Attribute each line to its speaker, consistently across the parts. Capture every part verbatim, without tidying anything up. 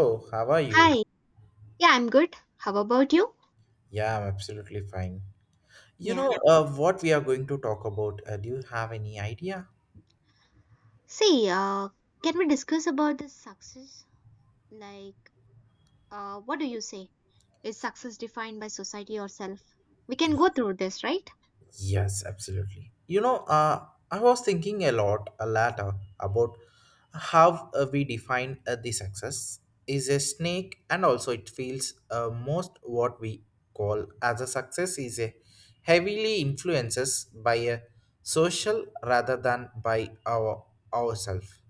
Speaker 1: Oh, how are you?
Speaker 2: Hi. Yeah, I'm good. How about you?
Speaker 1: Yeah, I'm absolutely fine. You
Speaker 2: Yeah.
Speaker 1: know, uh, what we are going to talk about, uh, do you have any idea?
Speaker 2: See, uh, can we discuss about the success? Like, uh, what do you say? Is success defined by society or self? We can go through this, right?
Speaker 1: Yes, absolutely. You know, uh, I was thinking a lot, a lot uh, about how uh, we define uh, the success is a snake, and also it feels uh, most what we call as a success is a heavily influences by a social rather than by our ourselves.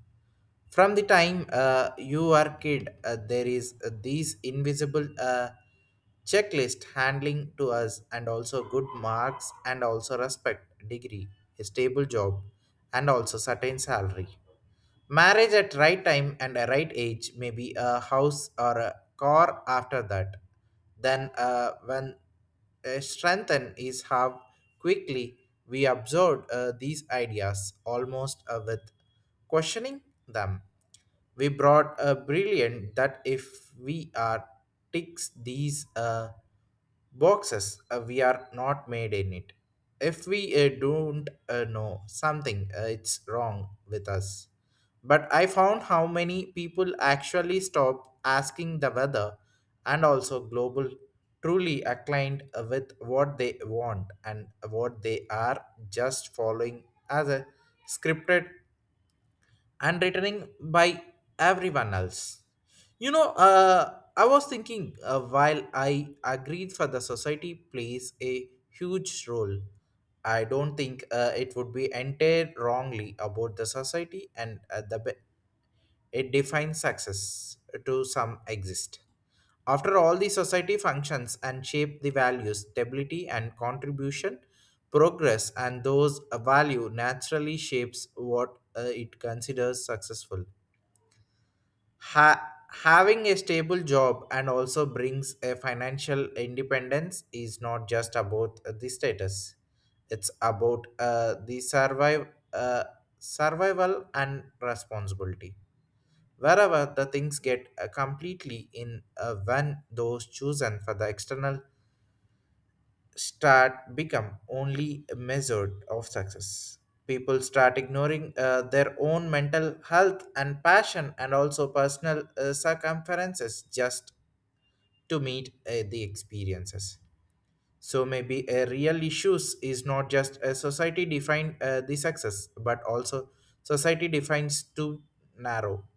Speaker 1: From the time uh, you are kid uh, there is uh, these invisible uh, checklist handling to us and also good marks and also respect degree, a stable job and also certain salary. Marriage at right time and a right age, may be a house or a car after that. Then uh, when uh, strengthen is how quickly we absorb uh, these ideas almost uh, with questioning them. We brought a brilliant that if we are ticks these uh, boxes uh, we are not made in it. If we uh, don't uh, know something uh, it's wrong with us, but I found how many people actually stop asking the weather and also global truly aligned with what they want and what they are just following as a scripted and written by everyone else. You know, uh, I was thinking uh, while I agreed for the society plays a huge role, I don't think uh, it would be entirely wrongly about the society and uh, the it defines success to some exist. After all, the society functions and shape the values, stability and contribution, progress, and those uh, value naturally shapes what uh, it considers successful. Ha- having a stable job and also brings a financial independence is not just about uh, the status. It's about uh, the survive, uh, survival and responsibility wherever the things get uh, completely in uh, when those chosen for the external start become only a measure of success. People start ignoring uh, their own mental health and passion and also personal uh, circumferences just to meet uh, the experiences. So maybe a real issues is not just a society define uh, the success but also society defines too narrow,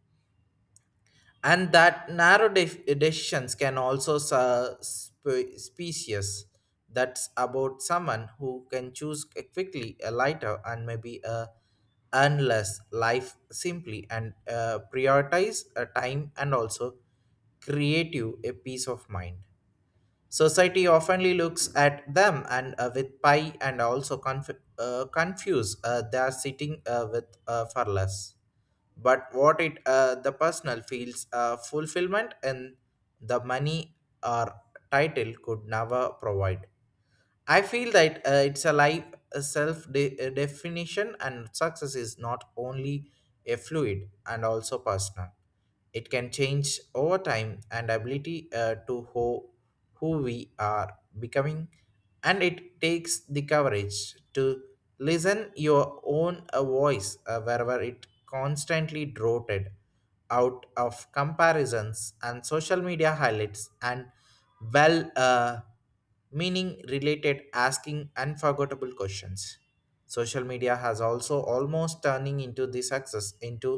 Speaker 1: and that narrow de- decisions can also su- spe- species. That's about someone who can choose a quickly a lighter and maybe a endless life simply and uh, prioritize a time and also creative a peace of mind. Society oftenly looks at them and uh, with pie and also conf- uh, confuse uh, they are sitting uh, with uh, for less. But what it uh, the personal feels uh, fulfillment and the money or title could never provide. I feel that uh, it's a life self de- uh, definition, and success is not only a fluid and also personal. It can change over time and ability uh, to who, who we are becoming, and it takes the courage to listen your own uh, voice uh, wherever it constantly droted out of comparisons and social media highlights and well uh, meaning related asking unforgettable questions. Social media has also almost turning into the success into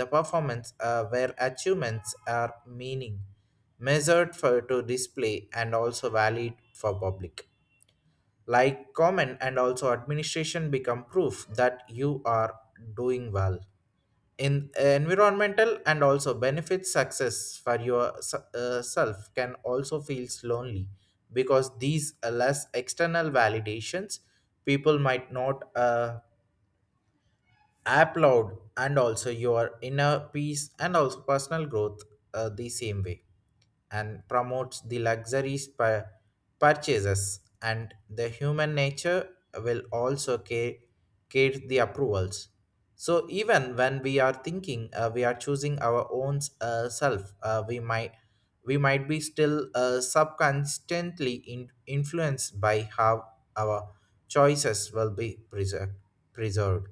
Speaker 1: the performance uh, where achievements are meaning measured for to display and also valid for public like comment and also administration become proof that you are doing well in environmental and also benefit success for your s- uh, self can also feels lonely because these are less external validations. People might not uh, App applaud and also your inner peace and also personal growth uh, the same way, and promotes the luxuries pur- purchases and the human nature will also care, care the approvals. So even when we are thinking uh, we are choosing our own uh, self uh, we might we might be still uh, subconsciously in, influenced by how our choices will be preser- preserved.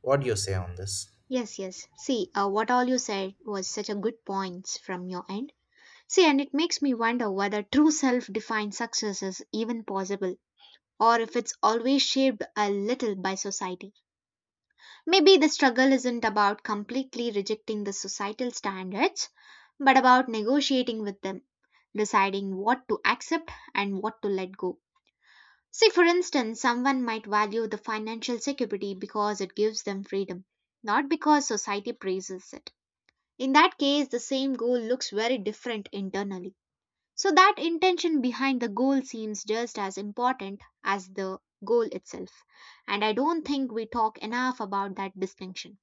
Speaker 1: What do you say on this?
Speaker 2: Yes, yes. See, uh, what all you said was such a good points from your end. See, and it makes me wonder whether true self-defined success is even possible, or if it's always shaped a little by society. Maybe the struggle isn't about completely rejecting the societal standards but about negotiating with them, deciding what to accept and what to let go. See, for instance, someone might value the financial security because it gives them freedom, not because society praises it. In that case, the same goal looks very different internally. So, that intention behind the goal seems just as important as the goal itself. And I don't think we talk enough about that distinction.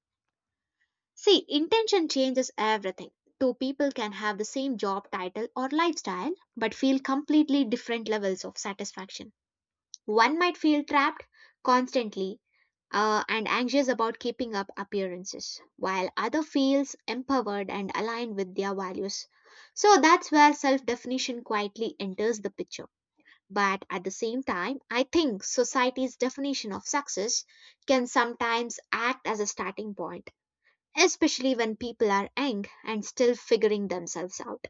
Speaker 2: See, intention changes everything. Two people can have the same job title or lifestyle, but feel completely different levels of satisfaction. One might feel trapped constantly uh, and anxious about keeping up appearances, while other feels empowered and aligned with their values. So that's where self definition quietly enters the picture. But at the same time, I think society's definition of success can sometimes act as a starting point, especially when people are young and still figuring themselves out.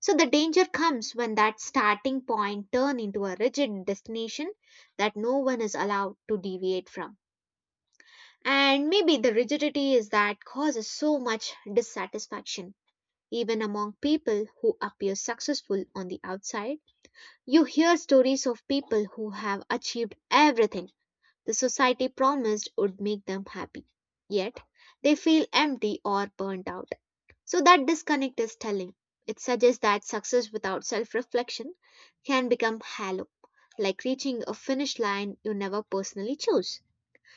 Speaker 2: So the danger comes when that starting point turn into a rigid destination that no one is allowed to deviate from. And maybe the rigidity is that causes so much dissatisfaction. Even among people who appear successful on the outside, you hear stories of people who have achieved everything the society promised would make them happy. Yet, they feel empty or burnt out, so that disconnect is telling. It suggests that success without self reflection can become hollow, like reaching a finish line you never personally chose.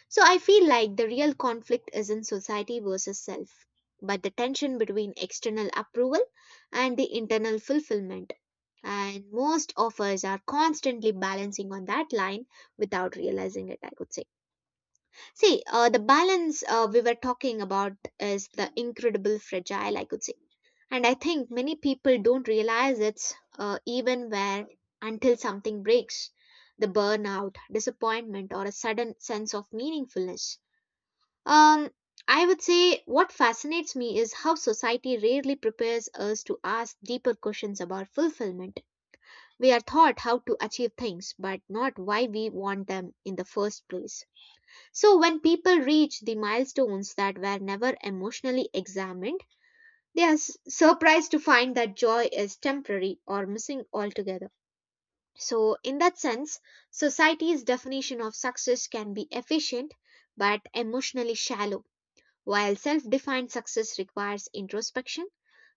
Speaker 2: So I feel like the real conflict is in society versus self, but the tension between external approval and the internal fulfillment. And most of us are constantly balancing on that line without realizing it, I could say. See, uh, the balance uh, we were talking about is the incredible fragile, I could say. And I think many people don't realize it's uh, even where until something breaks, the burnout, disappointment, or a sudden sense of meaningfulness. Um, I would say what fascinates me is how society rarely prepares us to ask deeper questions about fulfillment. We are taught how to achieve things, but not why we want them in the first place. So when people reach the milestones that were never emotionally examined, they are s- surprised to find that joy is temporary or missing altogether. So, in that sense, society's definition of success can be efficient but emotionally shallow, while self defined success requires introspection,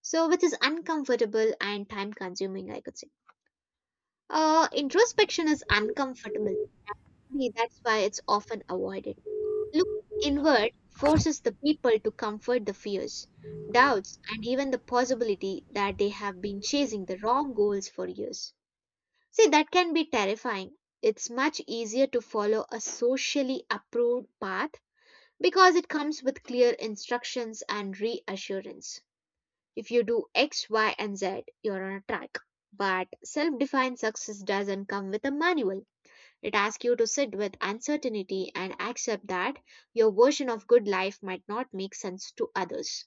Speaker 2: so which is uncomfortable and time consuming, I could say. Uh, introspection is uncomfortable. Maybe that's why it's often avoided. Looking inward forces the people to comfort the fears, doubts, and even the possibility that they have been chasing the wrong goals for years. See, that can be terrifying. It's much easier to follow a socially approved path because it comes with clear instructions and reassurance. If you do X, Y, and Z, you're on a track. But self defined success doesn't come with a manual. It asks you to sit with uncertainty and accept that your version of good life might not make sense to others.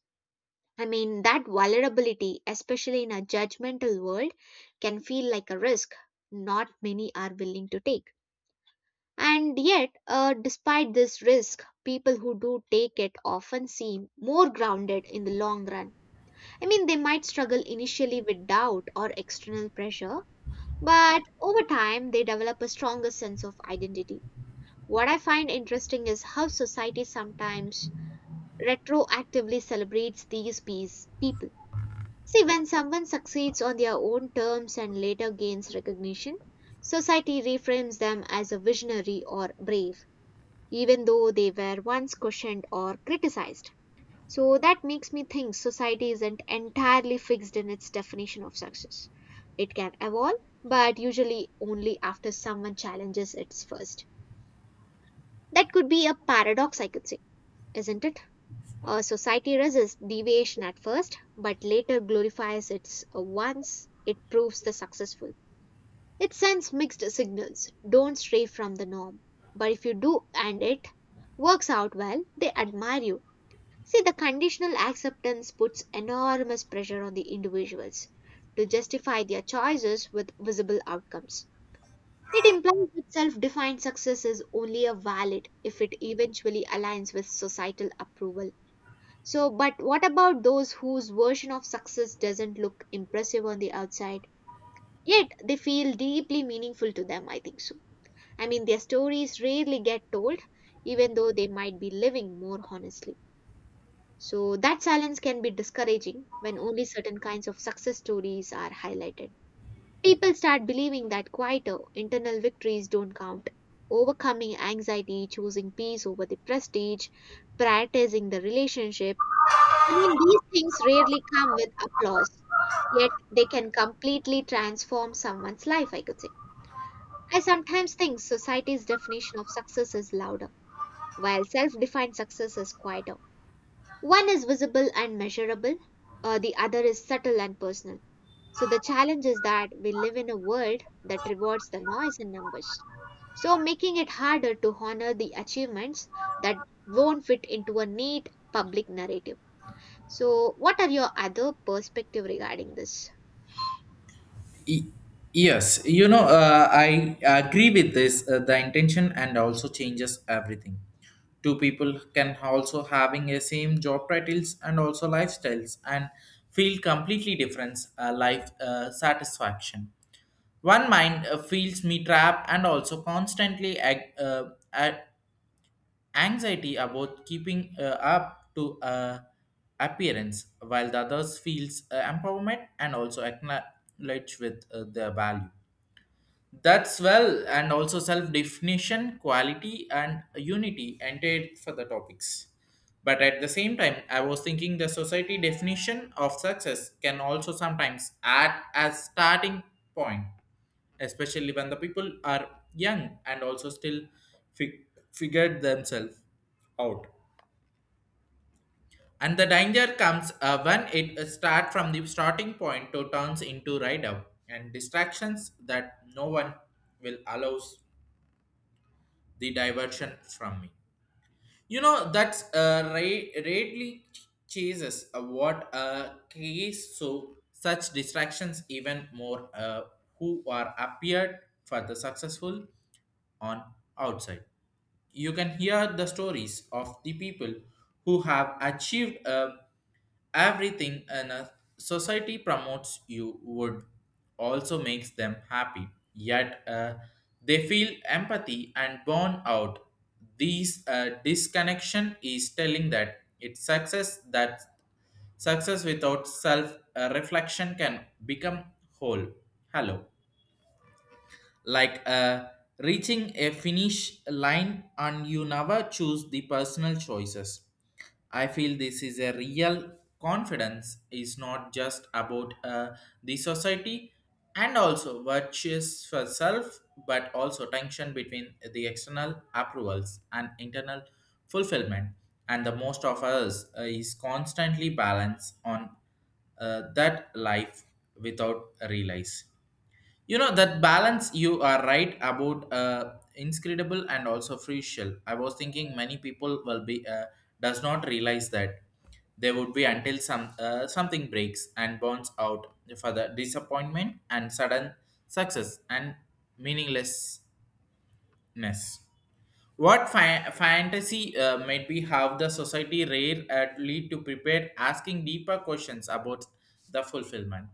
Speaker 2: I mean, that vulnerability, especially in a judgmental world, can feel like a risk not many are willing to take. And yet, uh, despite this risk, people who do take it often seem more grounded in the long run. I mean, they might struggle initially with doubt or external pressure, but over time, they develop a stronger sense of identity. What I find interesting is how society sometimes retroactively celebrates these peace, people. See, when someone succeeds on their own terms and later gains recognition, society reframes them as a visionary or brave, even though they were once questioned or criticized. So that makes me think society isn't entirely fixed in its definition of success. It can evolve, but usually only after someone challenges it first. That could be a paradox, I could say, isn't it? Uh, society resists deviation at first, but later glorifies it once it proves the successful. It sends mixed signals, don't stray from the norm. But if you do and it works out well, they admire you. See, the conditional acceptance puts enormous pressure on the individuals to justify their choices with visible outcomes. It implies that self defined success is only a valid if it eventually aligns with societal approval. So, but what about those whose version of success doesn't look impressive on the outside, yet they feel deeply meaningful to them? I think so. I mean, their stories rarely get told, even though they might be living more honestly. So, that silence can be discouraging when only certain kinds of success stories are highlighted. People start believing that quieter internal victories don't count. Overcoming anxiety, choosing peace over the prestige, prioritizing the relationship, I mean, these things rarely come with applause, yet they can completely transform someone's life, I could say. I sometimes think society's definition of success is louder, while self defined success is quieter. One is visible and measurable, uh, the other is subtle and personal. So the challenge is that we live in a world that rewards the noise and numbers. So making it harder to honor the achievements that won't fit into a neat public narrative. So, what are your other perspective regarding this?
Speaker 1: Y- yes, you know, uh, I agree with this uh, the intention and also changes everything. Two people can also having a same job titles and also lifestyles and feel completely different uh, life uh, satisfaction. One mind uh, feels me trapped and also constantly ag- uh, a- anxiety about keeping uh, up to uh, appearance, while the others feels uh, empowerment and also acknowledge with uh, their value. That's well and also self definition quality and unity entered for the topics, but at the same time I was thinking the society definition of success can also sometimes act as starting point, especially when the people are young and also still fig- figured themselves out. And the danger comes uh, when it uh, start from the starting point to turns into ride up and distractions that no one will allows the diversion from me. You know, that's uh, ra- rarely ch- chases uh, what uh, creates so such distractions even more uh, who are appeared for the successful on outside. You can hear the stories of the people who have achieved uh, everything and a society promotes you would also makes them happy, yet uh, they feel empathy and burn out. These uh, disconnection is telling that it's success that success without self uh, reflection can become whole hello like uh, reaching a finish line and you never choose the personal choices. I feel this is a real confidence is not just about uh, the society and also virtues for self, but also tension between the external approvals and internal fulfillment, and the most of us uh, is constantly balanced on uh, that life without realize. You know that balance you are right about uh, inscrutable and also crucial. I was thinking many people will be uh, does not realize that they would be until some uh, something breaks and burns out for the disappointment and sudden success and meaninglessness. What fa- fantasy uh, might be have the society rare at lead to prepare asking deeper questions about the fulfillment.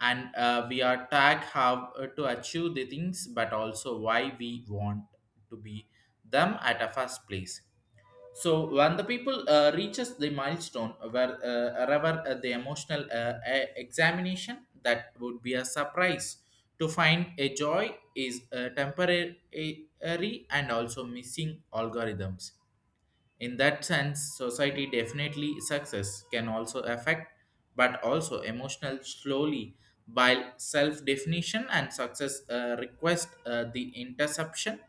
Speaker 1: And uh, we are tag how uh, to achieve the things, but also why we want to be them at a first place. So when the people uh, reaches the milestone where uh, rather uh, the emotional uh, e- examination, that would be a surprise to find a joy is uh, temporary uh, and also missing algorithms. In that sense, society definitely success can also affect, but also emotional slowly by self-definition and success uh, request uh, the interception,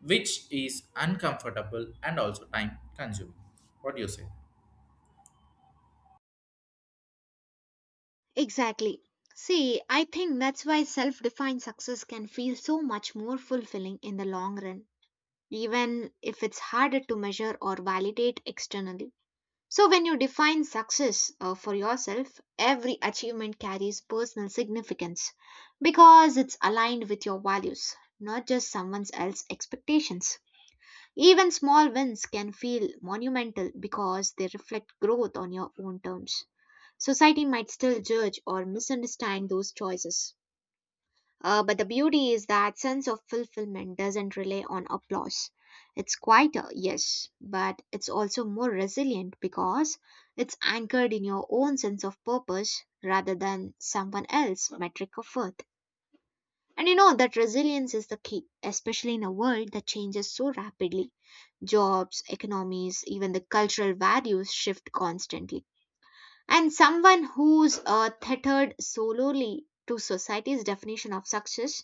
Speaker 1: which is uncomfortable and also time-consuming. What do you say?
Speaker 2: Exactly. See, I think that's why self defined success can feel so much more fulfilling in the long run, even if it's harder to measure or validate externally. So, when you define success uh, for yourself, every achievement carries personal significance because it's aligned with your values, not just someone else's expectations. Even small wins can feel monumental because they reflect growth on your own terms. Society might still judge or misunderstand those choices. Uh, but the beauty is that sense of fulfillment doesn't rely on applause. It's quieter, yes, but it's also more resilient because it's anchored in your own sense of purpose rather than someone else's metric of worth. And you know that resilience is the key, especially in a world that changes so rapidly. Jobs, economies, even the cultural values shift constantly. And someone who's uh, tethered solely to society's definition of success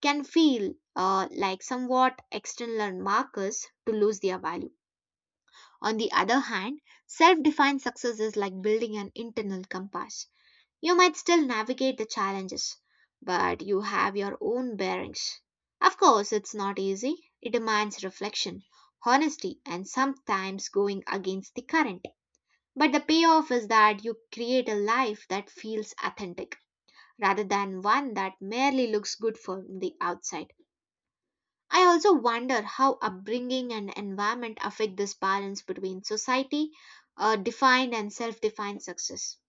Speaker 2: can feel uh, like somewhat external markers to lose their value. On the other hand, self defined success is like building an internal compass, you might still navigate the challenges, but you have your own bearings. Of course, it's not easy. It demands reflection, honesty, and sometimes going against the current. But the payoff is that you create a life that feels authentic rather than one that merely looks good from the outside. I also wonder how upbringing and environment affect this balance between society, uh, defined and self defined success.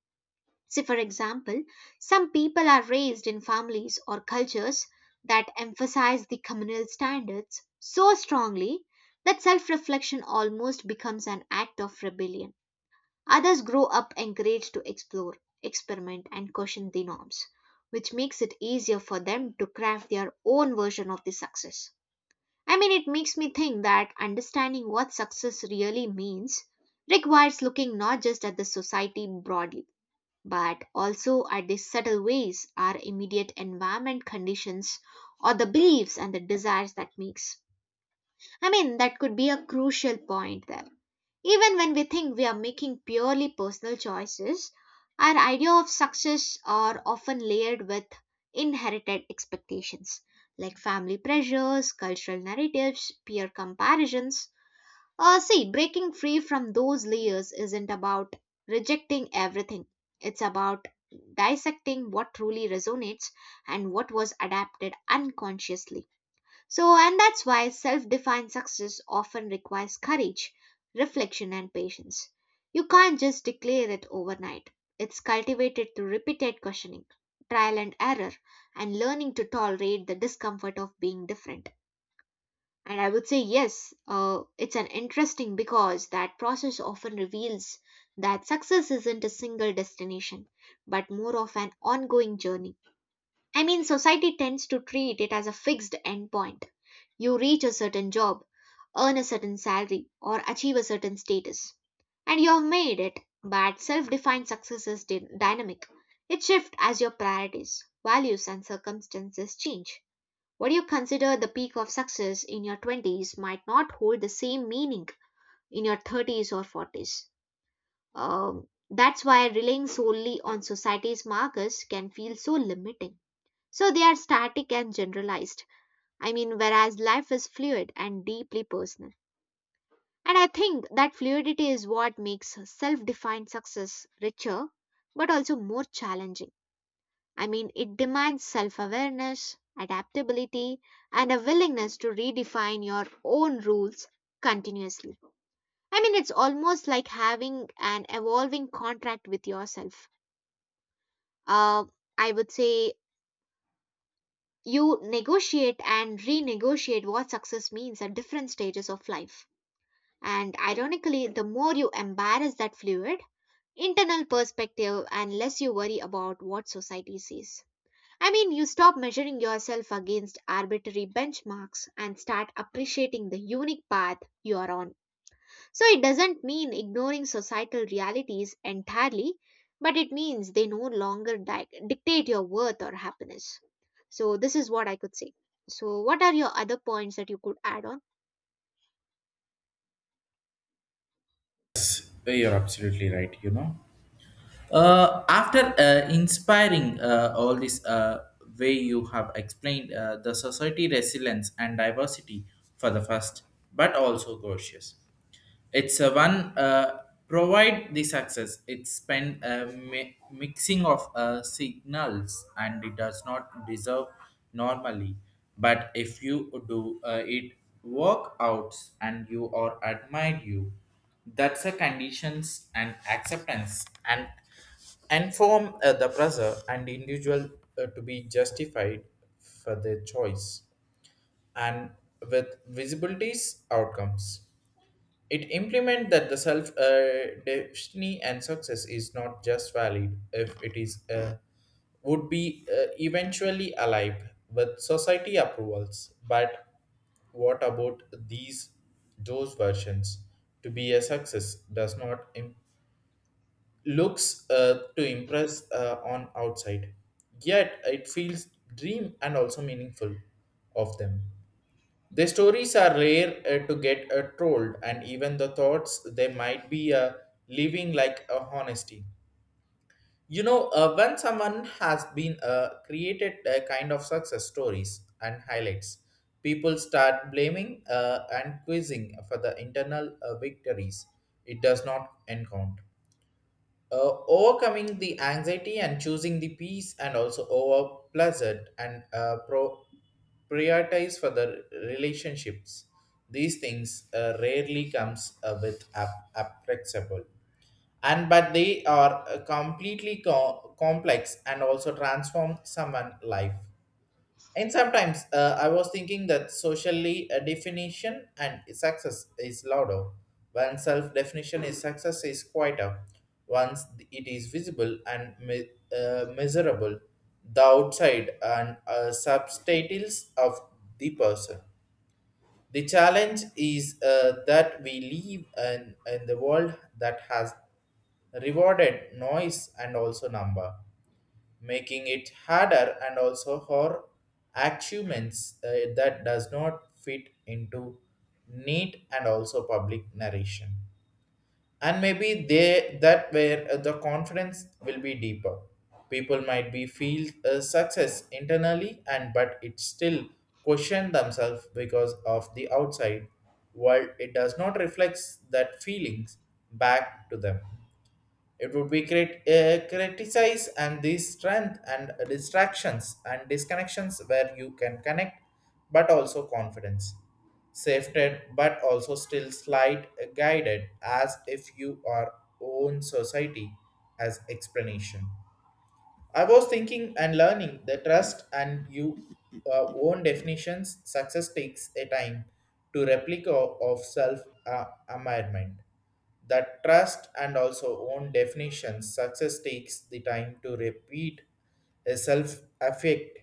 Speaker 2: See, for example, some people are raised in families or cultures that emphasize the communal standards so strongly that self reflection almost becomes an act of rebellion. Others grow up encouraged to explore, experiment, and question the norms, which makes it easier for them to craft their own version of the success. I mean, it makes me think that understanding what success really means requires looking not just at the society broadly but also at the subtle ways our immediate environment conditions or the beliefs and the desires that makes. I mean, that could be a crucial point there. Even when we think we are making purely personal choices, our idea of success are often layered with inherited expectations like family pressures, cultural narratives, peer comparisons. Uh, see, breaking free from those layers isn't about rejecting everything. It's about dissecting what truly resonates and what was adapted unconsciously. So, and that's why self defined success often requires courage, reflection, and patience. You can't just declare it overnight. It's cultivated through repeated questioning, trial and error, and learning to tolerate the discomfort of being different. And I would say, yes, uh, it's an interesting because that process often reveals that success isn't a single destination, but more of an ongoing journey. I mean, society tends to treat it as a fixed endpoint. You reach a certain job, earn a certain salary, or achieve a certain status, and you have made it. But self defined success is dy- dynamic, it shifts as your priorities, values, and circumstances change. What you consider the peak of success in your twenties might not hold the same meaning in your thirties or forties. Um, that's why relying solely on society's markers can feel so limiting. So they are static and generalized. I mean, whereas life is fluid and deeply personal. And I think that fluidity is what makes self defined success richer but also more challenging. I mean, it demands self awareness, adaptability, and a willingness to redefine your own rules continuously. I mean, it's almost like having an evolving contract with yourself. Uh, I would say you negotiate and renegotiate what success means at different stages of life. And ironically, the more you embrace that fluid, internal perspective and less you worry about what society says. I mean, you stop measuring yourself against arbitrary benchmarks and start appreciating the unique path you are on. So it doesn't mean ignoring societal realities entirely, but it means they no longer di- dictate your worth or happiness. So this is what I could say. So what are your other points that you could add on?
Speaker 1: Yes, you're absolutely right. You know, uh, after uh, inspiring uh, all this uh, way you have explained uh, the society resilience and diversity for the first, but also cautious. It's a one uh, provide the success. It spend a mi- mixing of uh, signals and it does not deserve normally. But if you do uh, it work outs and you are admired you, that's a conditions and acceptance and inform uh, the brother and individual uh, to be justified for their choice and with visibilities outcomes. It implement that the self uh, destiny and success is not just valid if it is uh, would be uh, eventually alive with society approvals. But what about these those versions? To be a success does not im- looks uh, to impress uh, on outside, yet it feels dream and also meaningful of them. Their stories are rare uh, to get uh, trolled, and even the thoughts they might be uh, living like a honesty. You know, uh, when someone has been uh, created a kind of success stories and highlights, people start blaming uh, and quizzing for the internal uh, victories, it does not encounter uh, overcoming the anxiety and choosing the peace and also over pleasant and uh, pro- prioritize for the relationships. These things uh, rarely comes uh, with ap- appreciable, and but they are uh, completely co- complex and also transform someone life. And sometimes uh, I was thinking that socially a definition and success is louder. When self definition is success is quieter. Once it is visible and me- uh, measurable, the outside and uh, subtitles of the person. The challenge is uh, that we live in, in the world that has rewarded noise and also number, making it harder and also for achievements uh, that does not fit into neat and also public narration. And maybe they that where uh, the confidence will be deeper, people might be feel uh, success internally and but it still question themselves because of the outside world it does not reflects that feelings back to them. It would be crit- uh, criticize and these strength and distractions and disconnections where you can connect, but also confidence, safety, but also still slight guided as if you are own society as explanation. I was thinking and learning the trust and you uh, own definitions. Success takes a time to replica of self uh, amendment. That trust and also own definitions. Success takes the time to repeat a self affect.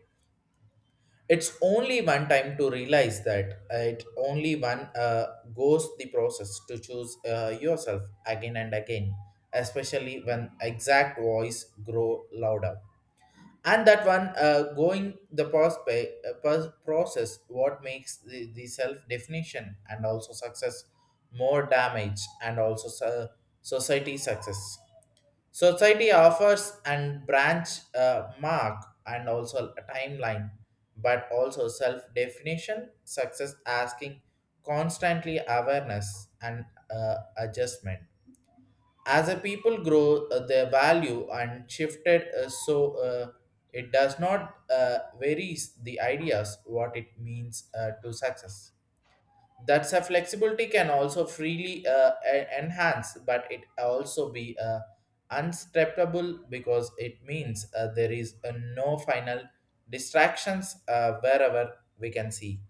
Speaker 1: It's only one time to realize that uh, it only one uh, goes the process to choose uh, yourself again and again, especially when exact voice grow louder. And that one uh, going the prospe- uh, pos- process what makes the, the self definition and also success more damage and also so- society success. Society offers and branch uh, mark and also a timeline, but also self definition success asking constantly awareness and uh, adjustment as a people grow uh, their value and shifted uh, so uh, it does not uh, varies the ideas what it means uh, to success. That's a flexibility can also freely uh, e- enhance, but it also be uh, unsteppable because it means uh, there is uh, no final distractions uh, wherever we can see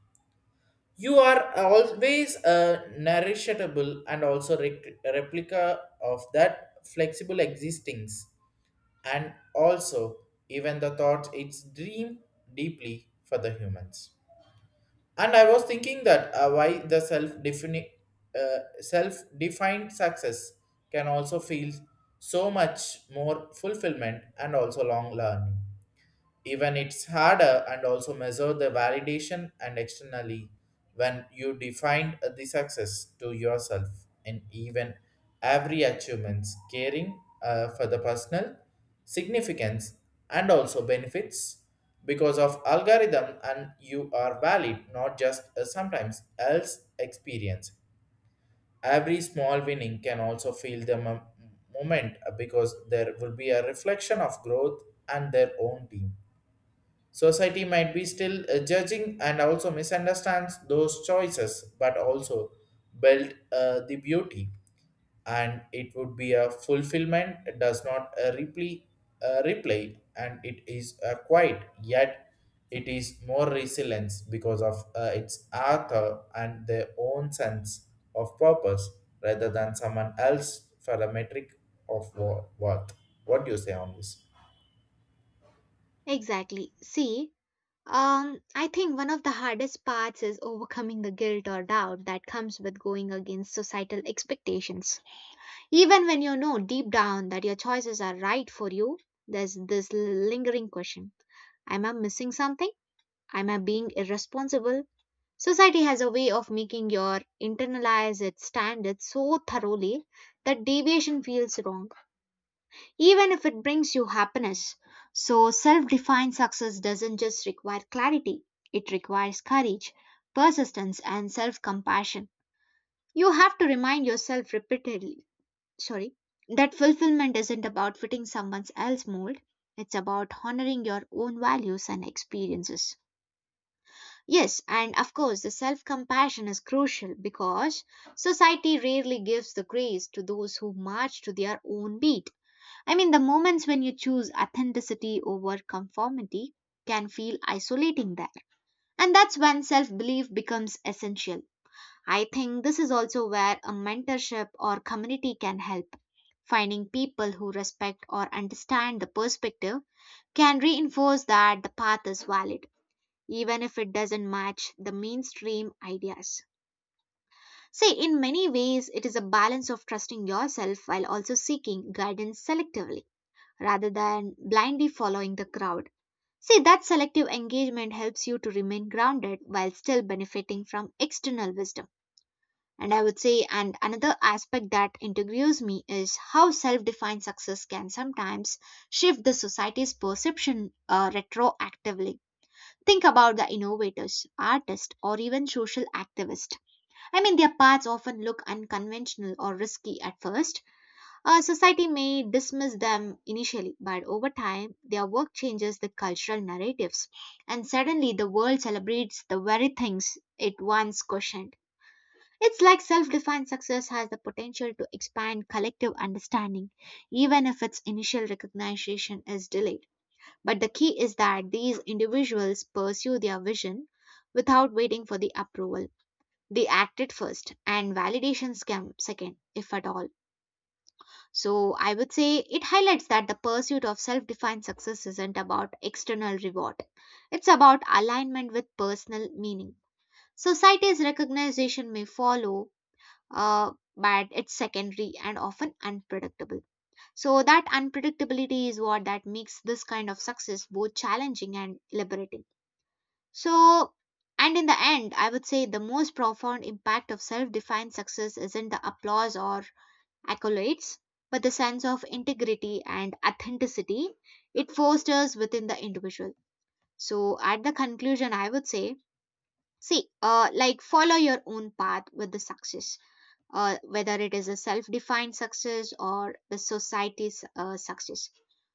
Speaker 1: you are always a nourishable and also rec- replica of that flexible existings, and also even the thought it's dream deeply for the humans. And I was thinking that uh, why the self defini- uh, self defined success can also feel so much more fulfillment and also long learning. Even it's harder and also measure the validation and externally, when you define the success to yourself in even every achievements caring uh, for the personal significance and also benefits because of algorithm and you are valid not just uh, sometimes else experience. Every small winning can also feel the mom- moment uh, because there will be a reflection of growth and their own team. Society might be still uh, judging and also misunderstands those choices, but also build uh, the beauty. And it would be a fulfillment, it does not uh, replay, uh, replay, and it is uh, quiet, yet it is more resilience because of uh, its author and their own sense of purpose rather than someone else for a metric of wo- worth. What do you say on this?
Speaker 2: Exactly. See, um, I think one of the hardest parts is overcoming the guilt or doubt that comes with going against societal expectations. Even when you know deep down that your choices are right for you, there's this lingering question. Am I missing something? Am I being irresponsible? Society has a way of making your internalize its standards so thoroughly that deviation feels wrong, even if it brings you happiness. So self defined success doesn't just require clarity, it requires courage, persistence, and self compassion. You have to remind yourself repeatedly, sorry, that fulfillment isn't about fitting someone else's mold, it's about honoring your own values and experiences. Yes, and of course the self compassion is crucial because society rarely gives the grace to those who march to their own beat. I mean, the moments when you choose authenticity over conformity can feel isolating there, and that's when self belief becomes essential. I think this is also where a mentorship or community can help. Finding people who respect or understand the perspective can reinforce that the path is valid, even if it doesn't match the mainstream ideas. See, in many ways, it is a balance of trusting yourself while also seeking guidance selectively rather than blindly following the crowd. See, that selective engagement helps you to remain grounded while still benefiting from external wisdom. And I would say, and another aspect that intrigues me is how self defined success can sometimes shift the society's perception, uh, retroactively. Think about the innovators, artists, or even social activists. I mean, their paths often look unconventional or risky at first. Uh, society may dismiss them initially, but over time, their work changes the cultural narratives, and suddenly the world celebrates the very things it once questioned. It's like self defined success has the potential to expand collective understanding, even if its initial recognition is delayed. But the key is that these individuals pursue their vision without waiting for the approval. They act it first, and validations come second, if at all. So I would say it highlights that the pursuit of self defined success isn't about external reward, it's about alignment with personal meaning. Society's recognition may follow, uh, but it's secondary and often unpredictable. So that unpredictability is what that makes this kind of success both challenging and liberating. So, and in the end, I would say the most profound impact of self defined success isn't the applause or accolades, but the sense of integrity and authenticity it fosters within the individual. So, at the conclusion, I would say, see, uh, like follow your own path with the success, uh, whether it is a self-defined success or the society's, uh, success.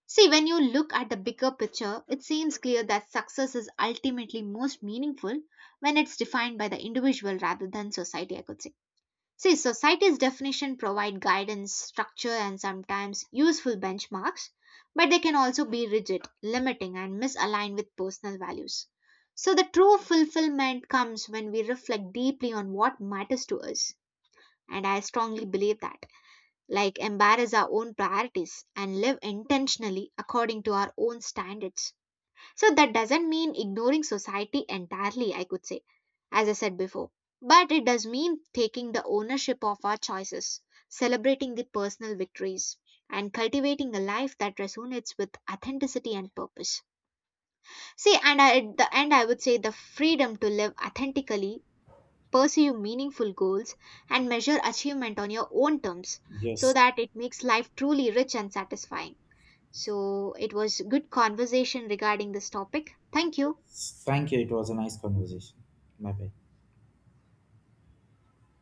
Speaker 2: See, when you look at the bigger picture, it seems clear that success is ultimately most meaningful when it's defined by the individual rather than society, I could say. See, society's definition provide guidance, structure, and sometimes useful benchmarks, but they can also be rigid, limiting, and misaligned with personal values. So the true fulfillment comes when we reflect deeply on what matters to us. And I strongly believe that, like, embrace our own priorities and live intentionally according to our own standards. So that doesn't mean ignoring society entirely, I could say, as I said before. But it does mean taking the ownership of our choices, celebrating the personal victories, and cultivating a life that resonates with authenticity and purpose. See, and I, at the end, I would say the freedom to live authentically, pursue meaningful goals, and measure achievement on your own terms so
Speaker 1: Yes,
Speaker 2: that it makes life truly rich and satisfying. So it was good conversation regarding this topic. Thank you.
Speaker 1: thank you. It was a nice conversation. Bye bye.